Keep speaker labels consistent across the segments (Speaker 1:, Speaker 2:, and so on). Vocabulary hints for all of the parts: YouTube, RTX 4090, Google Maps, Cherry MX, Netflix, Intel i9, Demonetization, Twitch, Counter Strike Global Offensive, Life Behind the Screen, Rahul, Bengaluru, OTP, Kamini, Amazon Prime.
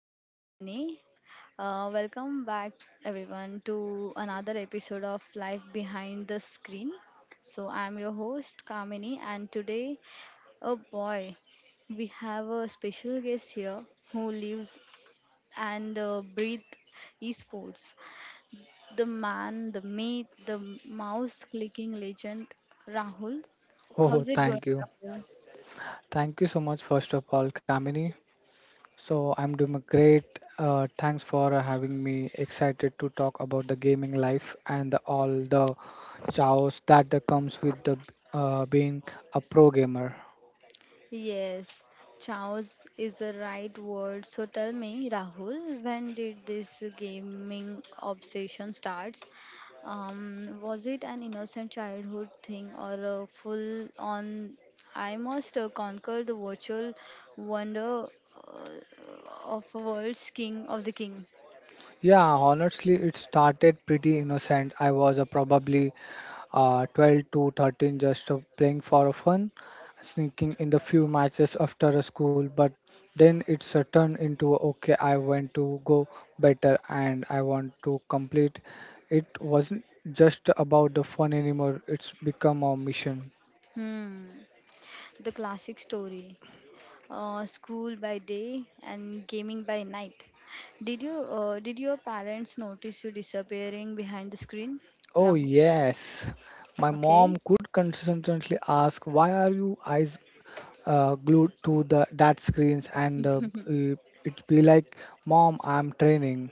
Speaker 1: this is Kamini. Welcome back, everyone, to another episode of Life Behind the Screen. So, I'm your host, Kamini, and today, oh boy, we have a special guest here who lives and breathes esports. The man, the myth, the mouse clicking legend, Rahul.
Speaker 2: Oh,
Speaker 1: How's it going,
Speaker 2: thank you.
Speaker 1: Rahul?
Speaker 2: Thank you so much, first of all, Kamini. So, I'm doing great. Thanks for having me. Excited to talk about the gaming life and all the chaos that comes with the being a pro gamer.
Speaker 1: Yes, chaos is the right word. So tell me, Rahul, when did this gaming obsession starts? Was it an innocent childhood thing or a full on I must conquer the virtual wonder uh, of a world's king of the king?
Speaker 2: Yeah, honestly, it started pretty innocent. I was probably 12 to 13, just playing for fun, sneaking in the few matches after a school. But then it's turned into okay, I want to go better and I want to complete. It wasn't just about the fun anymore, it's become a mission.
Speaker 1: Hmm, the classic story. School by day and gaming by night. Did you did your parents notice you disappearing behind the screen,
Speaker 2: Oh,
Speaker 1: Rahul?
Speaker 2: yes. My mom
Speaker 1: Okay.
Speaker 2: could consistently ask, "Why are your eyes glued to the that screens?" And uh, it be like, "Mom, I'm training."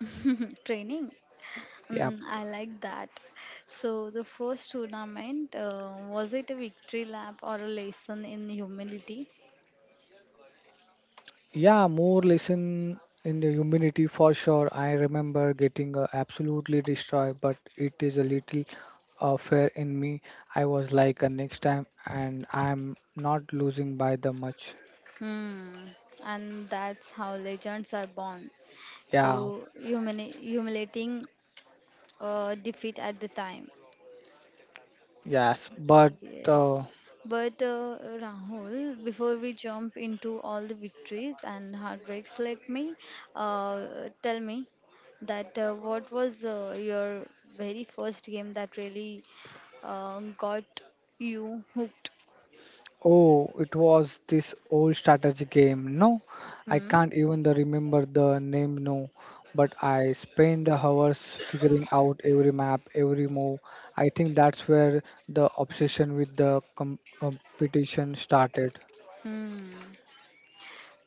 Speaker 1: Training.
Speaker 2: Yeah,
Speaker 1: Mm, I like that. So the first tournament, was it a victory lap or a lesson in humility?
Speaker 2: yeah, more lesson in the humility for sure. I remember getting absolutely destroyed, but it is a little fair in me. I was like, next time and I'm not losing by the much.
Speaker 1: Hmm. And that's how legends are born.
Speaker 2: Yeah.
Speaker 1: So humiliating defeat at the time.
Speaker 2: yes but uh,
Speaker 1: Yes. But Rahul, before we jump into all the victories and heartbreaks, let me uh, tell me that what was your very first game that really got you hooked?
Speaker 2: Oh, it was this old strategy game. No, I
Speaker 1: Hmm?
Speaker 2: can't even the remember the name, no, but I spent hours figuring out every map, every move. I think that's where the obsession with the competition started.
Speaker 1: Hmm.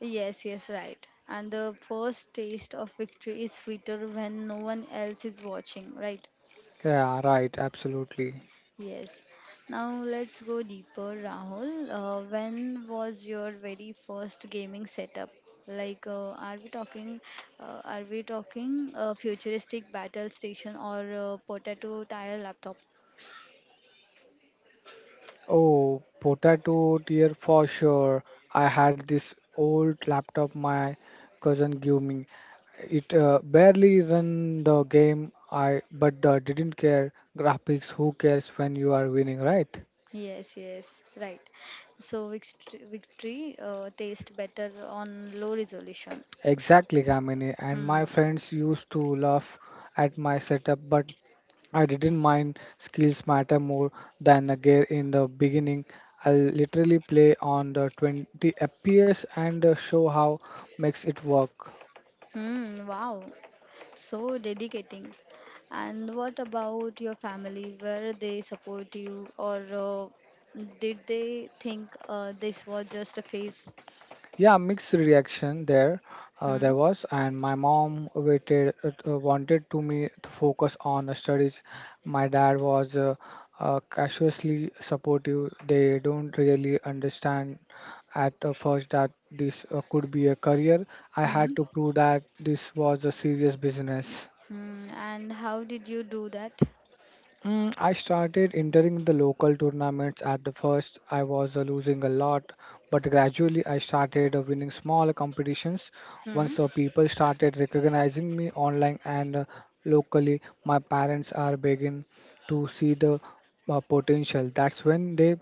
Speaker 1: Yes, yes, right. And the first taste of victory is sweeter when no one else is watching, right?
Speaker 2: Yeah, right, absolutely.
Speaker 1: Yes. Now let's go deeper, Rahul. When was your very first gaming setup? Like, are we talking a futuristic battle station or potato tire laptop?
Speaker 2: Oh, potato dear for sure. I had this old laptop my cousin gave me. It barely ran the game, I but didn't care. Graphics, who cares when you are winning, right?
Speaker 1: Yes, yes, right. So victory, victory taste better on low resolution.
Speaker 2: Exactly, Kamini. And my
Speaker 1: Hmm.
Speaker 2: friends used to laugh at my setup, but I didn't mind. Skills matter more than the gear in the beginning. I'll literally play on the 20 FPS and show how makes it work.
Speaker 1: Hmm. Wow. So dedicating. And what about your family? Were they support you, or did they think this was just a phase?
Speaker 2: Yeah, mixed reaction there.
Speaker 1: Hmm?
Speaker 2: There was, and my mom waited, wanted to me to focus on the studies. My dad was cautiously supportive. They don't really understand at first that this could be a career. I
Speaker 1: Hmm?
Speaker 2: had to prove that this was a serious business.
Speaker 1: Hmm. And how did you do that?
Speaker 2: Mm, I started entering the local tournaments at the first. I was losing a lot, but gradually I started winning small competitions.
Speaker 1: Hmm?
Speaker 2: Once people started recognizing me online and locally, my parents are beginning to see the potential. That's when they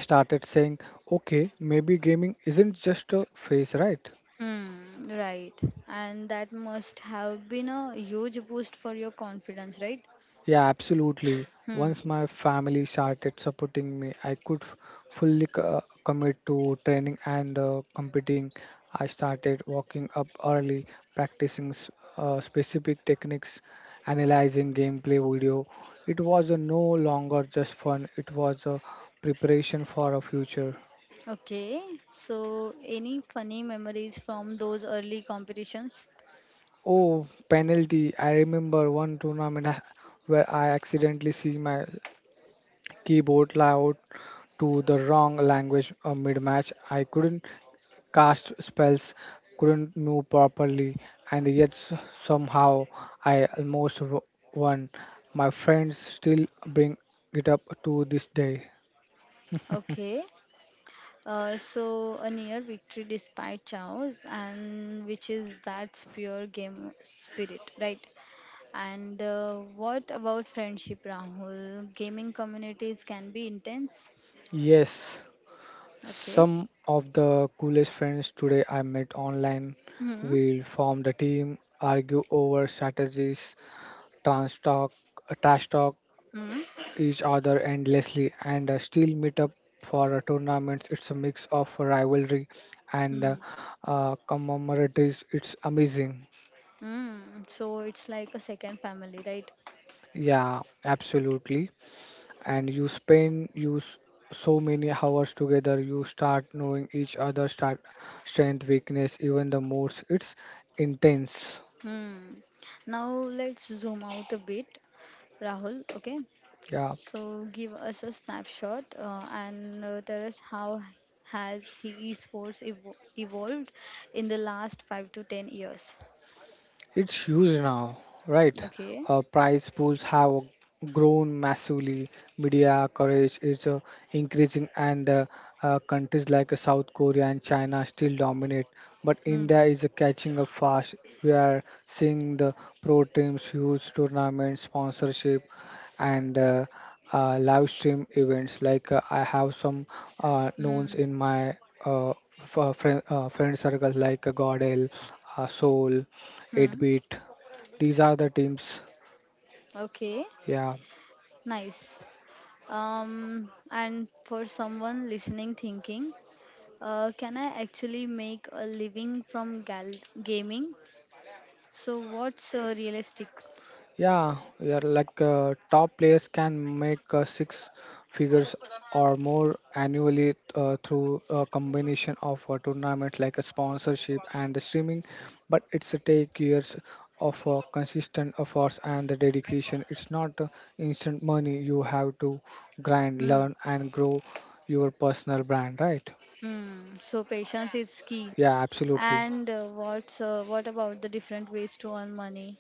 Speaker 2: started saying, okay, maybe gaming isn't just a phase, right?
Speaker 1: Hmm. Right. And that must have been a huge boost for your confidence, right?
Speaker 2: Yeah, absolutely.
Speaker 1: Hmm.
Speaker 2: Once my family started supporting me, I could commit to training and competing. I started walking up early, practicing specific techniques, analyzing gameplay video. It was no longer just fun, it was a preparation for a future.
Speaker 1: Okay. So, any funny memories from those early competitions?
Speaker 2: Oh, penalty. I remember one tournament where I accidentally see my keyboard layout to the wrong language mid-match. I couldn't cast spells, couldn't move properly, and yet somehow I almost won. My friends still bring it up to this day.
Speaker 1: Okay. So a near victory despite chaos, and which is that's pure game spirit, right? And what about friendship, Rahul? Gaming communities can be intense.
Speaker 2: Yes,
Speaker 1: Okay.
Speaker 2: some of the coolest friends today I met online
Speaker 1: Hmm.
Speaker 2: will form the team, argue over strategies, trans talk, trash talk
Speaker 1: Hmm.
Speaker 2: each other endlessly and still meet up for tournaments. It's a mix of rivalry and
Speaker 1: Hmm.
Speaker 2: commemoratives. It's amazing.
Speaker 1: Hmm. So it's like a second family, right?
Speaker 2: Yeah, absolutely. And you spend you s- so many hours together. You start knowing each other, start strength, weakness, even the moods. It's intense.
Speaker 1: Hmm. Now let's zoom out a bit, Rahul. Okay.
Speaker 2: Yeah.
Speaker 1: So give us a snapshot and tell us how has he esports evolved in the last 5 to 10 years.
Speaker 2: It's huge now, right?
Speaker 1: Okay.
Speaker 2: Prize pools have grown massively. Media coverage is increasing, and countries like South Korea and China still dominate. But
Speaker 1: Hmm.
Speaker 2: India is catching up fast. We are seeing the pro teams, huge tournaments, sponsorship, and live stream events. Like I have some knowns
Speaker 1: Hmm.
Speaker 2: in my uh, friend circles like Godel, Soul.
Speaker 1: Hmm.
Speaker 2: 8-bit. These are the teams.
Speaker 1: Okay.
Speaker 2: Yeah,
Speaker 1: Nice. And for someone listening thinking, can I actually make a living from gaming? So what's realistic?
Speaker 2: yeah. Yeah, like top players can make six figures or more annually through a combination of tournaments like a sponsorship and the streaming. But it's a take years of consistent efforts and the dedication. It's not instant money. You have to grind,
Speaker 1: Hmm.
Speaker 2: learn, and grow your personal brand, right?
Speaker 1: Hmm. So patience is key.
Speaker 2: Yeah, absolutely.
Speaker 1: And what about the different ways to earn money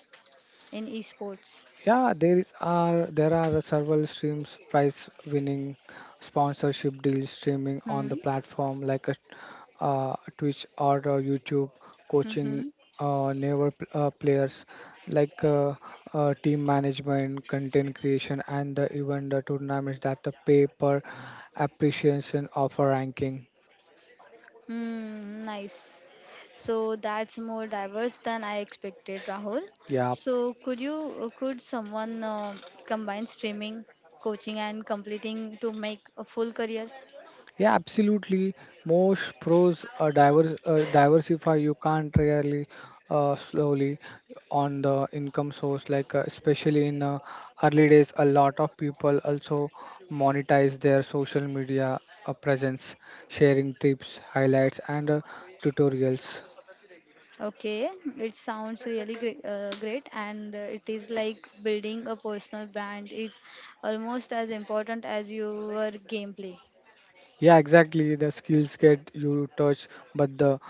Speaker 1: in esports?
Speaker 2: There are several streams, prize winning, sponsorship deals, streaming on the
Speaker 1: Hmm.
Speaker 2: platform like a, Twitch or YouTube, coaching
Speaker 1: Mm-hmm.
Speaker 2: players like team management, content creation, and the event tournaments that the pay per appreciation of a ranking.
Speaker 1: Hmm. Nice. So that's more diverse than I expected, Rahul.
Speaker 2: Yeah.
Speaker 1: So could you could someone combine streaming, coaching, and completing to make a full career?
Speaker 2: Yeah, absolutely. Most pros are diversify. You can't really slowly on the income source, like especially in early days, a lot of people also monetize their social media presence, sharing tips, highlights, and tutorials.
Speaker 1: Okay, it sounds really great, and it is like building a personal brand is almost as important as your gameplay.
Speaker 2: Yeah, exactly. The skills get you touch, but the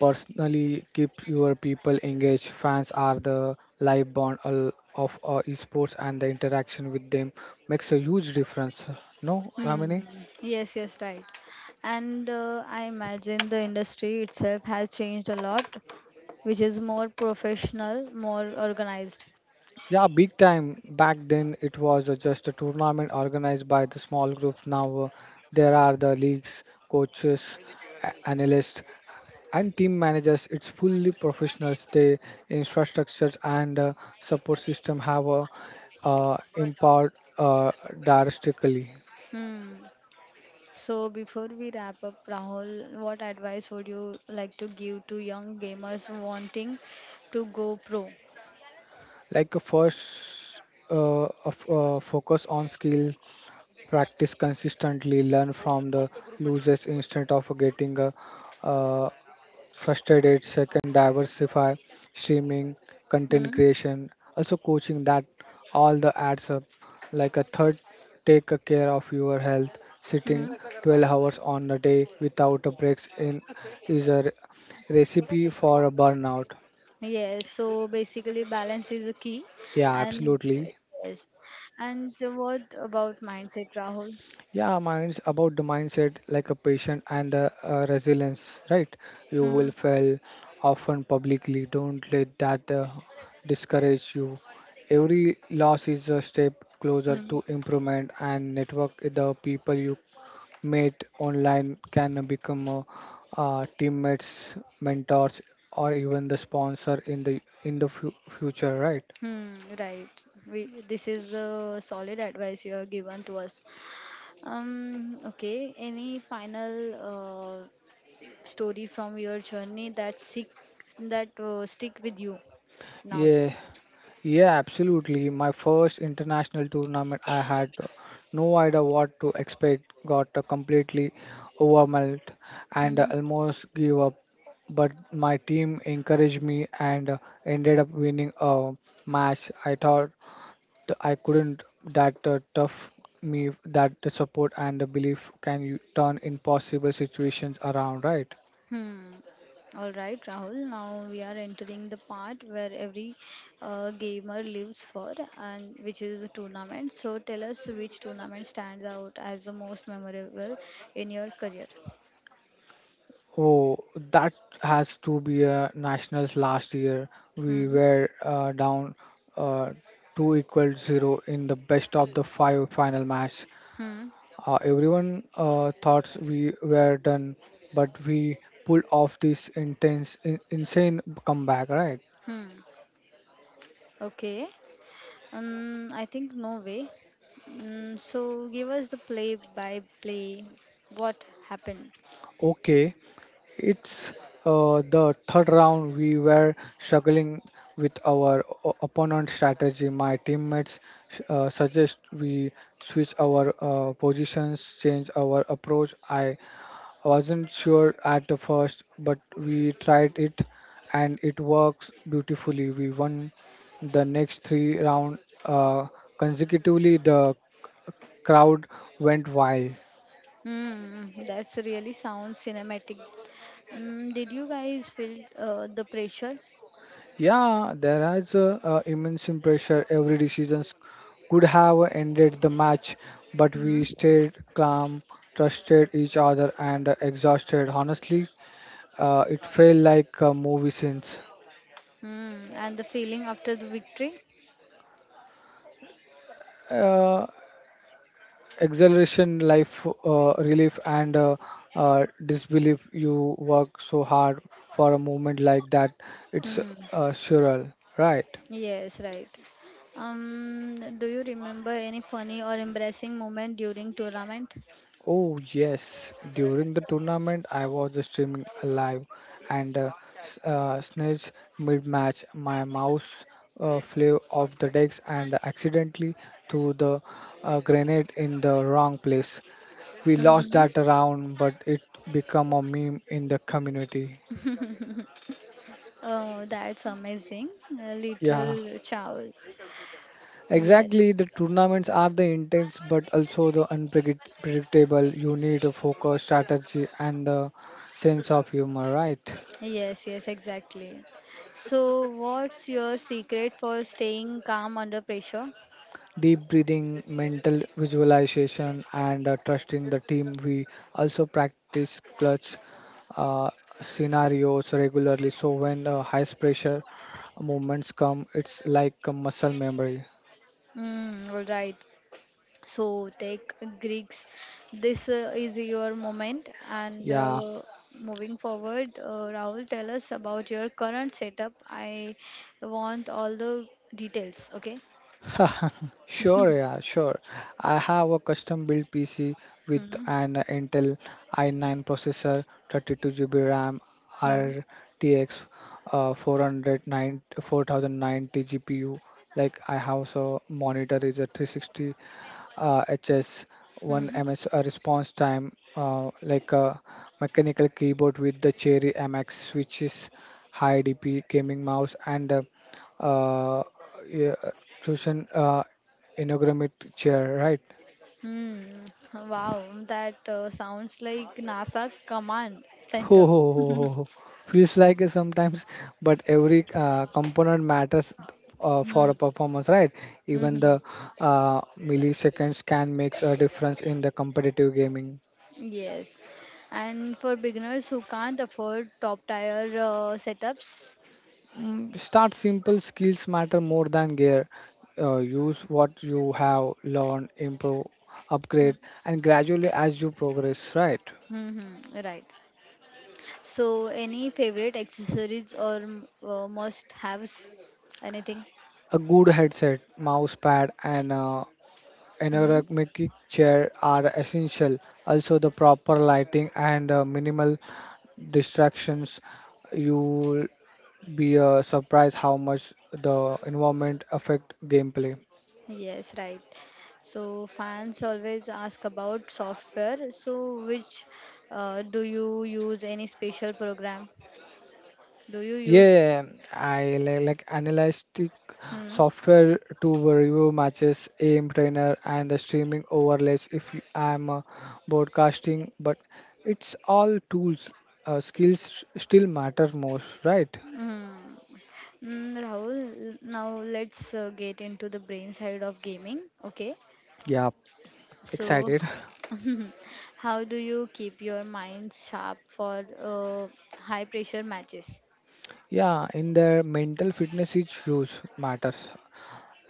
Speaker 2: personally keep your people engaged. Fans are the live bond of esports, and the interaction with them makes a huge difference. No,
Speaker 1: Hmm.
Speaker 2: Ramini?
Speaker 1: Yes, yes, right. And I imagine the industry itself has changed a lot, which is more professional, more organized.
Speaker 2: Yeah, big time. Back then, it was just a tournament organized by the small groups. Now, there are the leagues, coaches, analysts, and team managers. It's fully professionals. The infrastructures and support system have empowered uh, drastically.
Speaker 1: Hmm. So before we wrap up, Rahul, what advice would you like to give to young gamers wanting to go pro?
Speaker 2: Like a first focus on skill, practice consistently, learn from the losers instead of getting uh, first aid, it. Second, diversify streaming, content
Speaker 1: Hmm?
Speaker 2: creation, also coaching. That all the adds up. Like a third, take a care of your health. Sitting
Speaker 1: Hmm?
Speaker 2: 12 hours on a day without a breaks in is a recipe for a burnout.
Speaker 1: Yes, so basically balance is a key
Speaker 2: Yeah,
Speaker 1: and
Speaker 2: absolutely.
Speaker 1: yes. And what about mindset, Rahul?
Speaker 2: Yeah, minds about the mindset, like a patient and the resilience, right? You
Speaker 1: Hmm.
Speaker 2: will fail often publicly. Don't let that discourage you. Every loss is a step closer
Speaker 1: Hmm.
Speaker 2: to improvement, and network the people you meet online can become teammates, mentors, or even the sponsor in the future, right?
Speaker 1: Hmm, right. We, this is the solid advice you have given to us. Okay. Any final uh, story from your journey that sick that stick with you now?
Speaker 2: Yeah. Yeah, absolutely. My first international tournament, I had no idea what to expect, got completely overwhelmed and
Speaker 1: Hmm.
Speaker 2: almost gave up. But my team encouraged me and ended up winning a match. I thought I couldn't, that tough me, that the support and the belief can you turn impossible situations around, right?
Speaker 1: Hmm. All right, Rahul. Now we are entering the part where every gamer lives for, and which is the tournament. So tell us which tournament stands out as the most memorable in your career.
Speaker 2: Oh, that has to be a nationals last year. We
Speaker 1: Hmm.
Speaker 2: were down uh, 2 equal 0 in the best of the five final match.
Speaker 1: Hmm.
Speaker 2: Everyone thought we were done, but we pulled off this intense, insane comeback, right?
Speaker 1: Hmm. Okay. I think Norway. Mm, so give us the play by play. What happened?
Speaker 2: Okay, it's the third round. We were struggling with our opponent's strategy. My teammates suggest we switch our positions, change our approach. I wasn't sure at the first, but we tried it, and it works beautifully. We won the next three rounds consecutively. The crowd went wild.
Speaker 1: Mm, that's really sound cinematic. Mm, did you guys feel the pressure?
Speaker 2: Yeah, there is a, immense pressure. Every decision could have ended the match, but we
Speaker 1: Mm,
Speaker 2: stayed calm, trusted each other, and exhausted. Honestly, it felt like movie scenes.
Speaker 1: mm, and the feeling after the victory?
Speaker 2: Uh, Exhilaration, life relief, and disbelief. You work so hard for a moment like that. It's
Speaker 1: Mm,
Speaker 2: surreal, right?
Speaker 1: yes, right. Do you remember any funny or embarrassing moment during tournament?
Speaker 2: Oh yes, during the tournament I was streaming live and snitch mid-match. My mouse flew off the decks and accidentally threw the grenade in the wrong place. We lost that
Speaker 1: Mm-hmm.
Speaker 2: round, but it became a meme in the community.
Speaker 1: Oh, that's amazing.
Speaker 2: Yeah,
Speaker 1: Literal chows.
Speaker 2: exactly.
Speaker 1: Yes.
Speaker 2: The tournaments are the intense but also the unpredictable. You need a focus, strategy and the sense of humor, right?
Speaker 1: Yes, yes, exactly. So, what's your secret for staying calm under pressure?
Speaker 2: Deep breathing, mental visualization, and trusting the team. We also practice clutch uh, scenarios regularly. So when high pressure moments come, it's like a muscle memory.
Speaker 1: Mm, all right. So, take Greeks. This is your moment. And
Speaker 2: Yeah.
Speaker 1: moving forward, Rahul, tell us about your current setup. I want all the details, okay?
Speaker 2: Sure, yeah, sure. I have a custom built PC with an Intel i9 processor, 32 GB RAM,
Speaker 1: Mm-hmm.
Speaker 2: RTX 4090 GPU. Like I have so monitor is a 360 HS, one ms response time, like a mechanical keyboard with the Cherry MX switches, high DP gaming mouse and uh, yeah, Roshan inaugurate chair, right?
Speaker 1: Hmm. Wow, that sounds like NASA command
Speaker 2: Ho
Speaker 1: center.
Speaker 2: ho ho ho ho. Feels like it sometimes, but every component matters for
Speaker 1: Mm,
Speaker 2: a performance, right? Even the
Speaker 1: mhm.
Speaker 2: milliseconds can make a difference in the competitive gaming.
Speaker 1: Yes. And for beginners who can't afford top tier setups,
Speaker 2: Mm, start simple. Skills matter more than gear. Use what you have learned, improve, upgrade, and gradually as you progress, right?
Speaker 1: mm-hmm, right. So, any favorite accessories or must-haves? Anything?
Speaker 2: A good headset, mouse pad, and
Speaker 1: Hmm.
Speaker 2: ergonomic chair are essential. Also, the proper lighting and minimal distractions. You'll be surprised how much the environment affect gameplay.
Speaker 1: Yes, right. So, fans always ask about software. So, which do you use any special program? Do you use?
Speaker 2: Yeah, I like analytic
Speaker 1: Hmm.
Speaker 2: software to review matches, aim trainer, and the streaming overlays if I'm broadcasting. But it's all tools. Skills still matter most, right?
Speaker 1: Hmm. Mm, Rahul, now let's get into the brain side of gaming. Okay.
Speaker 2: Yeah,
Speaker 1: So,
Speaker 2: excited.
Speaker 1: how do you keep your mind sharp for high pressure matches?
Speaker 2: Yeah, in their mental fitness is huge matters.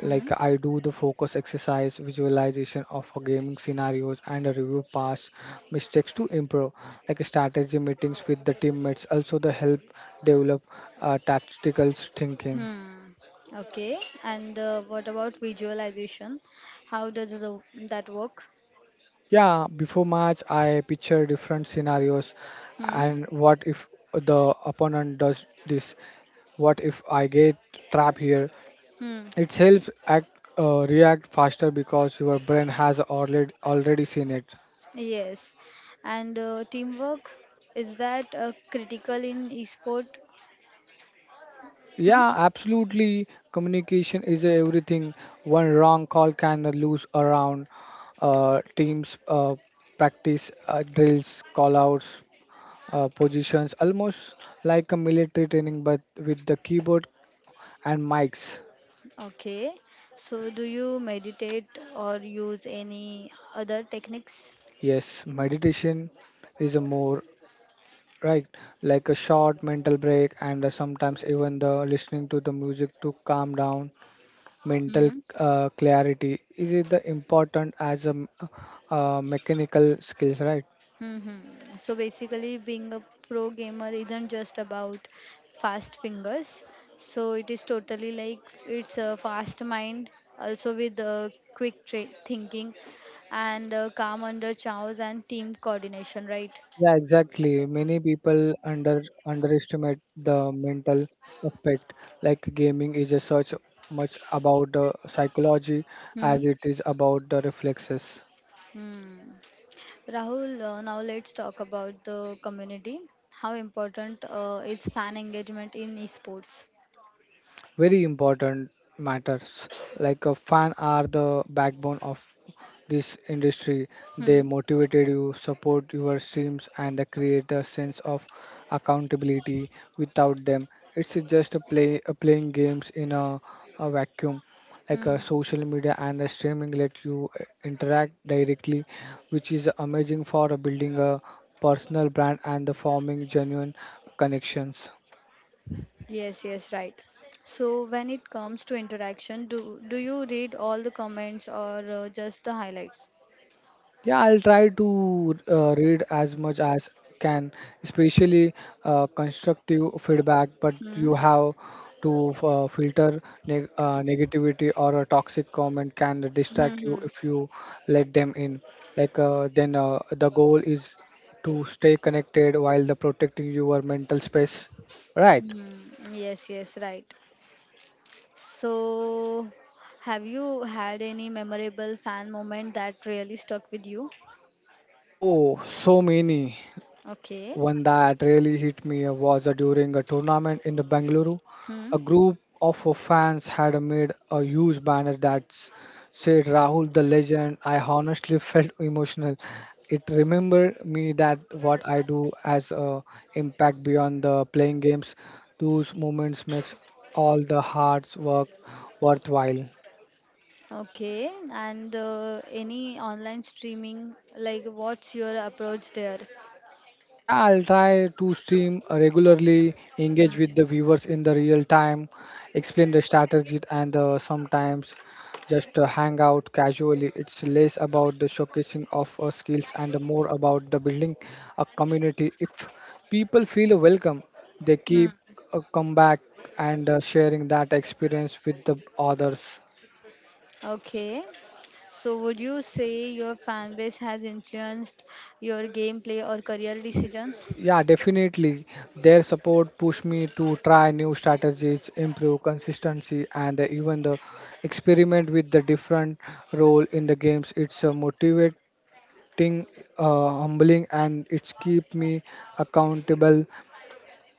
Speaker 1: Hmm.
Speaker 2: I do the focus exercise, visualization of a gaming scenarios, and a review past mistakes to improve. Like strategy meetings with the teammates, also the help develop tactical thinking.
Speaker 1: Hmm. Okay. And what about visualization? How does the, that work?
Speaker 2: Yeah, before match I picture different scenarios,
Speaker 1: Hmm.
Speaker 2: and what if the opponent does this? What if I get trapped here?
Speaker 1: Hmm.
Speaker 2: It helps act, react faster because your brain has already seen it.
Speaker 1: Yes. And teamwork, is that critical in esport? Hmm?
Speaker 2: Yeah, absolutely. Communication is everything. One wrong call can lose around teams practice drills, call outs, positions, almost like a military training, but with the keyboard and mics.
Speaker 1: Okay. So, do you meditate or use any other techniques?
Speaker 2: Yes, meditation is a more right like a short mental break and sometimes even the listening to the music to calm down mental
Speaker 1: Hmm.
Speaker 2: clarity is it the important as a mechanical skills, right?
Speaker 1: Mm-hmm. So basically, being a pro gamer isn't just about fast fingers. So it is totally like it's a fast mind, also with quick thinking and calm under chows and team coordination, right?
Speaker 2: Yeah, exactly, many people underestimate the mental aspect, like gaming is a such much about the psychology
Speaker 1: Hmm.
Speaker 2: as it is about the reflexes.
Speaker 1: Hmm. Rahul, now let's talk about the community. How important is fan engagement in esports?
Speaker 2: Very important matters. Like a fan are the backbone of this industry. They
Speaker 1: Hmm.
Speaker 2: motivated you, support your streams, and they create a sense of accountability. Without them, it's just a playing games in a vacuum. Like a
Speaker 1: Hmm.
Speaker 2: social media and the streaming let you interact directly, which is amazing for building a personal brand and the forming genuine connections.
Speaker 1: Yes, yes, right. So when it comes to interaction, do you read all the comments or just the highlights?
Speaker 2: Yeah, I'll try to read as much as can, especially constructive feedback, but
Speaker 1: Hmm.
Speaker 2: you have to filter negativity, or a toxic comment can
Speaker 1: Hmm.
Speaker 2: distract you
Speaker 1: Hmm.
Speaker 2: if you let them in. The goal is to stay connected while the protecting your mental space, right?
Speaker 1: Hmm. Yes, yes, right. So have you had any memorable fan moment that really stuck with you?
Speaker 2: Oh, so many.
Speaker 1: Okay.
Speaker 2: One that really hit me was during a tournament in the Bengaluru.
Speaker 1: Hmm.
Speaker 2: A group of fans had made a huge banner that said Rahul the legend. I honestly felt emotional. It remembered me that what I do has a impact beyond the playing games. Those moments makes all the hard work worthwhile.
Speaker 1: Okay, and any online streaming, like what's your approach there?
Speaker 2: Yeah, I'll try to stream regularly,
Speaker 1: Mm.
Speaker 2: engage with the viewers in the real time, explain the strategy, and sometimes just hang out casually. It's less about the showcasing of skills and more about the building a community. If people feel welcome, they
Speaker 1: Mm.
Speaker 2: keep come back and sharing that experience with the others.
Speaker 1: Okay, so would you say your fan base has influenced your gameplay or career decisions?
Speaker 2: Yeah, definitely. Their support pushed me to try new strategies, improve consistency, and even the experiment with the different role in the games. It's a motivating, humbling, and it's keep me accountable.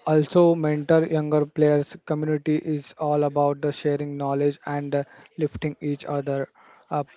Speaker 2: Also, mentor younger players. Community is all about the sharing knowledge and lifting each other up.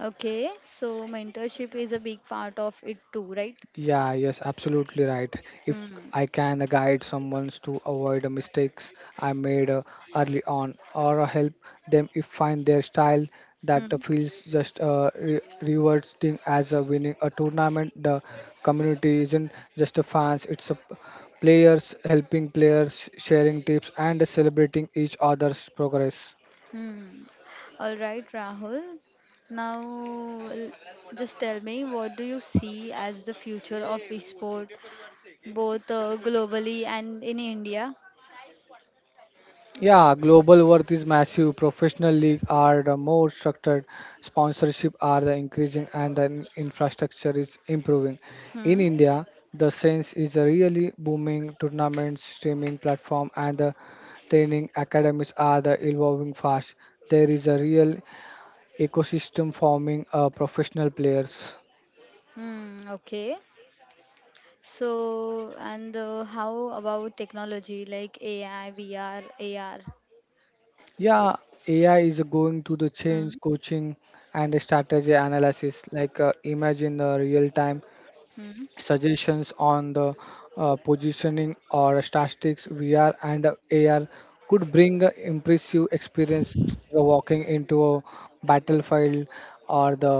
Speaker 1: Okay, so mentorship is a big part of it too, right?
Speaker 2: Yeah, yes, absolutely right. If
Speaker 1: Mm.
Speaker 2: I can guide someone to avoid mistakes I made early on, or help them if find their style that
Speaker 1: Hmm.
Speaker 2: feels just rewarding as a winning a tournament, the community isn't just a fans; it's a players helping players, sharing tips, and celebrating each other's progress.
Speaker 1: Hmm. All right, Rahul. Now, l- just tell me, what do you see as the future of esport, both globally and in India.
Speaker 2: Yeah, global worth is massive. Professional league are the more structured, sponsorship are the increasing, and the infrastructure is improving. In
Speaker 1: Hmm.
Speaker 2: India, the sense is a really booming tournament streaming platform, and the training academies are the evolving fast. There is a real ecosystem forming professional players.
Speaker 1: Hmm. Okay. So, and how about technology like AI, VR, AR?
Speaker 2: Yeah, AI is going to the
Speaker 1: Hmm.
Speaker 2: change coaching and strategy analysis. Imagine the real time
Speaker 1: Hmm.
Speaker 2: suggestions on the positioning or statistics. VR and AR could bring a impressive experience. You're walking into a battlefield or the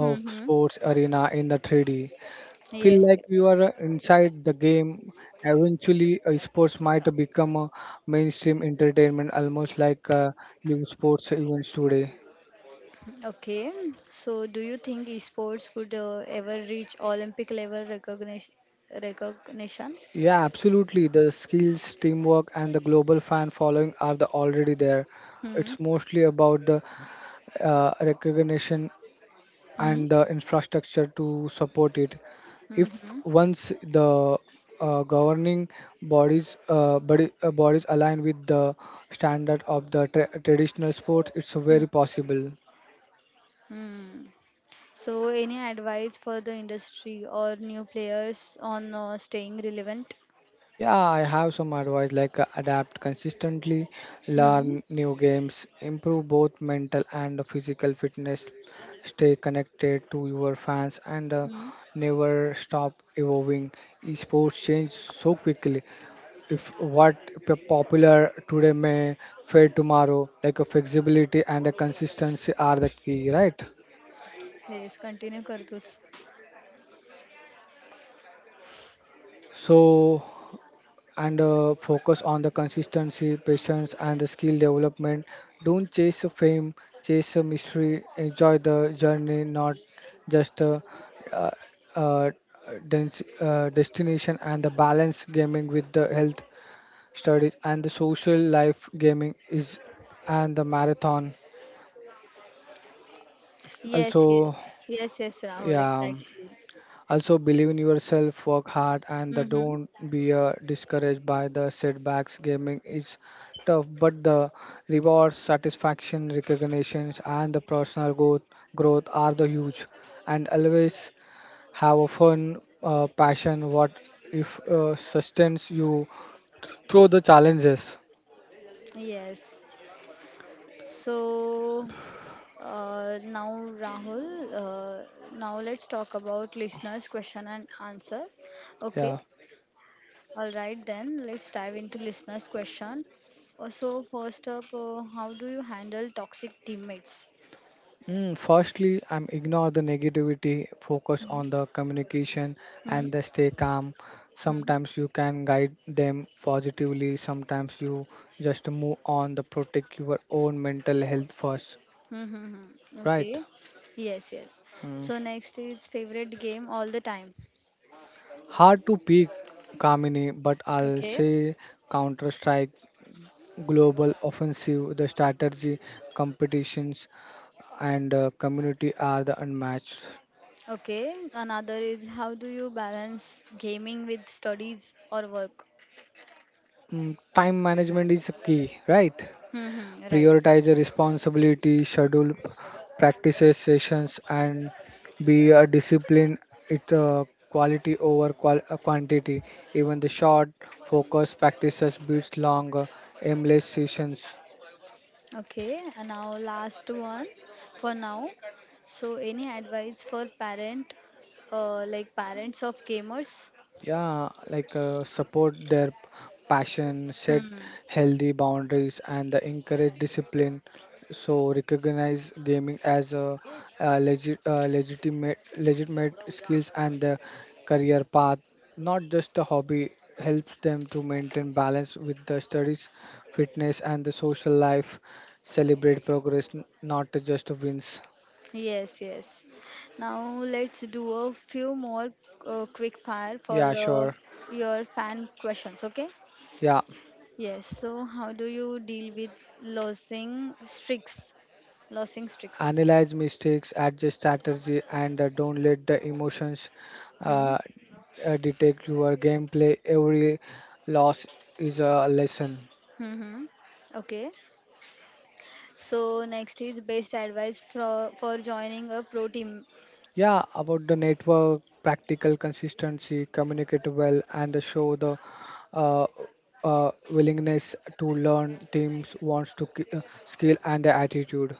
Speaker 1: Hmm. Mm-hmm.
Speaker 2: sports arena in the 3D. Feel
Speaker 1: Yes.
Speaker 2: like you
Speaker 1: Yes.
Speaker 2: are inside the game. Eventually, sports might become a mainstream entertainment, almost like live sports events today.
Speaker 1: Okay. So, do you think esports could ever reach Olympic level recognition? Recognition?
Speaker 2: Yeah, absolutely. The skills, teamwork, and the global fan following are the already there.
Speaker 1: Hmm.
Speaker 2: It's mostly about the recognition
Speaker 1: Hmm.
Speaker 2: and the infrastructure to support it.
Speaker 1: Hmm.
Speaker 2: If
Speaker 1: Hmm.
Speaker 2: once the governing bodies align with the standard of the traditional sports, it's
Speaker 1: Hmm.
Speaker 2: very possible.
Speaker 1: Hmm. So, any advice for the industry or new players on staying relevant?
Speaker 2: Yeah, I have some advice like adapt consistently,
Speaker 1: Hmm.
Speaker 2: learn new games, improve both mental and physical fitness, stay connected to your fans, and
Speaker 1: Hmm.
Speaker 2: never stop evolving. Esports change so quickly. If what popular today may fade tomorrow, like a flexibility and a consistency are the key, right?
Speaker 1: Yes, continue करतोच.
Speaker 2: So, and focus on the consistency, patience, and the skill development. Don't chase the fame, chase the mystery. Enjoy the journey, not just uh, uh, destination. And the balance gaming with the health studies and the social life gaming is and the marathon.
Speaker 1: Yes, yes.
Speaker 2: Also,
Speaker 1: Yes, yes, Rahul,
Speaker 2: yeah.
Speaker 1: exactly.
Speaker 2: Also, believe in yourself, work hard, and the
Speaker 1: Mm-hmm.
Speaker 2: don't be discouraged by the setbacks. Gaming is tough, but the rewards, satisfaction, recognitions, and the personal growth are the huge. And always have a fun passion. What if sustains you through the challenges?
Speaker 1: Yes. So now, Rahul, uh, now let's talk about listeners' question and answer. Okay.
Speaker 2: Yeah.
Speaker 1: All right, then let's dive into listeners' question. So first up, how do you handle toxic teammates?
Speaker 2: Mm, firstly, I'm ignore the negativity, focus on the communication
Speaker 1: Hmm.
Speaker 2: and the stay calm.
Speaker 1: Hmm.
Speaker 2: Sometimes you can guide them positively, sometimes you just move on the protect your own mental health first,
Speaker 1: Hmm. Hmm. Hmm.
Speaker 2: right?
Speaker 1: Okay. Yes. Yes.
Speaker 2: Mm.
Speaker 1: So next is favorite game all the time.
Speaker 2: Hard to pick Kamini, but I'll
Speaker 1: Okay.
Speaker 2: say Counter Strike, Global Offensive, the strategy, competitions, and community are the unmatched.
Speaker 1: Okay. Another is how do you balance gaming with studies or work?
Speaker 2: Mm, time management is key, right?
Speaker 1: Hmm. Hmm, right.
Speaker 2: Prioritize the responsibility, schedule practices sessions, and be a discipline. It quality over quantity. Even the short focus practices beats long aimless sessions.
Speaker 1: Okay. And now last one for now. So any advice for parent, like parents of gamers?
Speaker 2: Yeah, like support their passion,
Speaker 1: Hmm.
Speaker 2: set
Speaker 1: Hmm.
Speaker 2: healthy boundaries, and encourage discipline. So recognize gaming as a legit, legitimate skills and the career path, not just a hobby. Helps them to maintain balance with the studies, fitness, and the social life. Celebrate progress, not just wins.
Speaker 1: Yes, yes. Now let's do a few more quick fire for
Speaker 2: Yeah, sure.
Speaker 1: your fan questions, okay?
Speaker 2: Yeah,
Speaker 1: Yes, so how do you deal with losing streaks? Losing streaks.
Speaker 2: analyze mistakes, adjust strategy, and don't let the emotions
Speaker 1: Hmm.
Speaker 2: uh, detect your gameplay. Every loss is a lesson.
Speaker 1: Mm-hmm. Okay. So next is best advice for joining a pro team.
Speaker 2: Yeah, about the network, practical consistency, communicate well, and show the uh, willingness to learn. Teams wants to skill and attitude.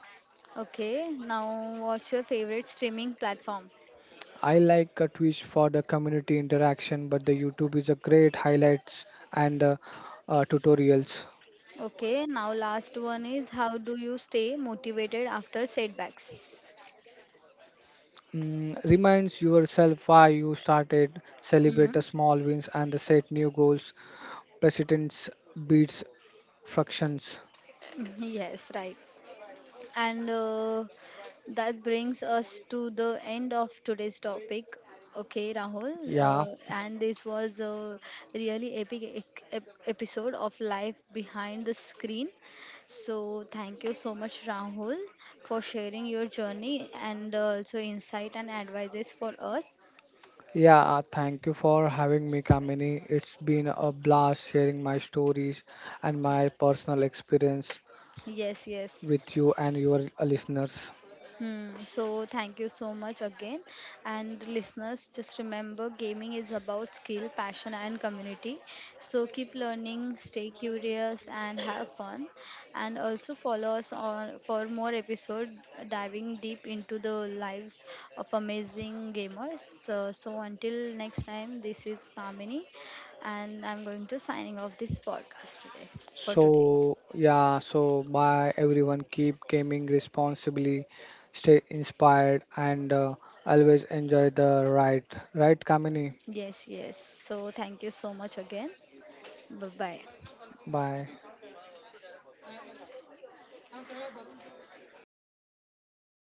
Speaker 1: Okay. Now what's your favorite streaming platform?
Speaker 2: I like Twitch for the community interaction, but the YouTube is a great highlights and tutorials.
Speaker 1: Okay. Now last one is how do you stay motivated after setbacks?
Speaker 2: Mm, reminds yourself why you started, celebrate
Speaker 1: Hmm.
Speaker 2: the small wins and the set new goals. Precedence beats fractions.
Speaker 1: Yes, right. And that brings us to the end of today's topic. Okay, Rahul.
Speaker 2: Yeah,
Speaker 1: And this was a really epic episode of Life Behind the Screen. So, thank you so much, Rahul, for sharing your journey and also insight and advices for us.
Speaker 2: yeah, thank you for having me, Kamini. It's been a blast sharing my stories and my personal experience
Speaker 1: Yes, yes.
Speaker 2: with you and your listeners.
Speaker 1: Hmm, so thank you so much again. And listeners, just remember gaming is about skill, passion, and community. So keep learning, stay curious, and have fun. And also follow us on for more episode diving deep into the lives of amazing gamers. So, so until next time, this is Kamini, and I'm going to signing off this podcast today for today.
Speaker 2: So, yeah, so bye everyone. Keep gaming responsibly, stay inspired, and always enjoy the ride. Right, Kamini?
Speaker 1: Yes, yes. So thank you so much again. Bye bye.
Speaker 2: Bye.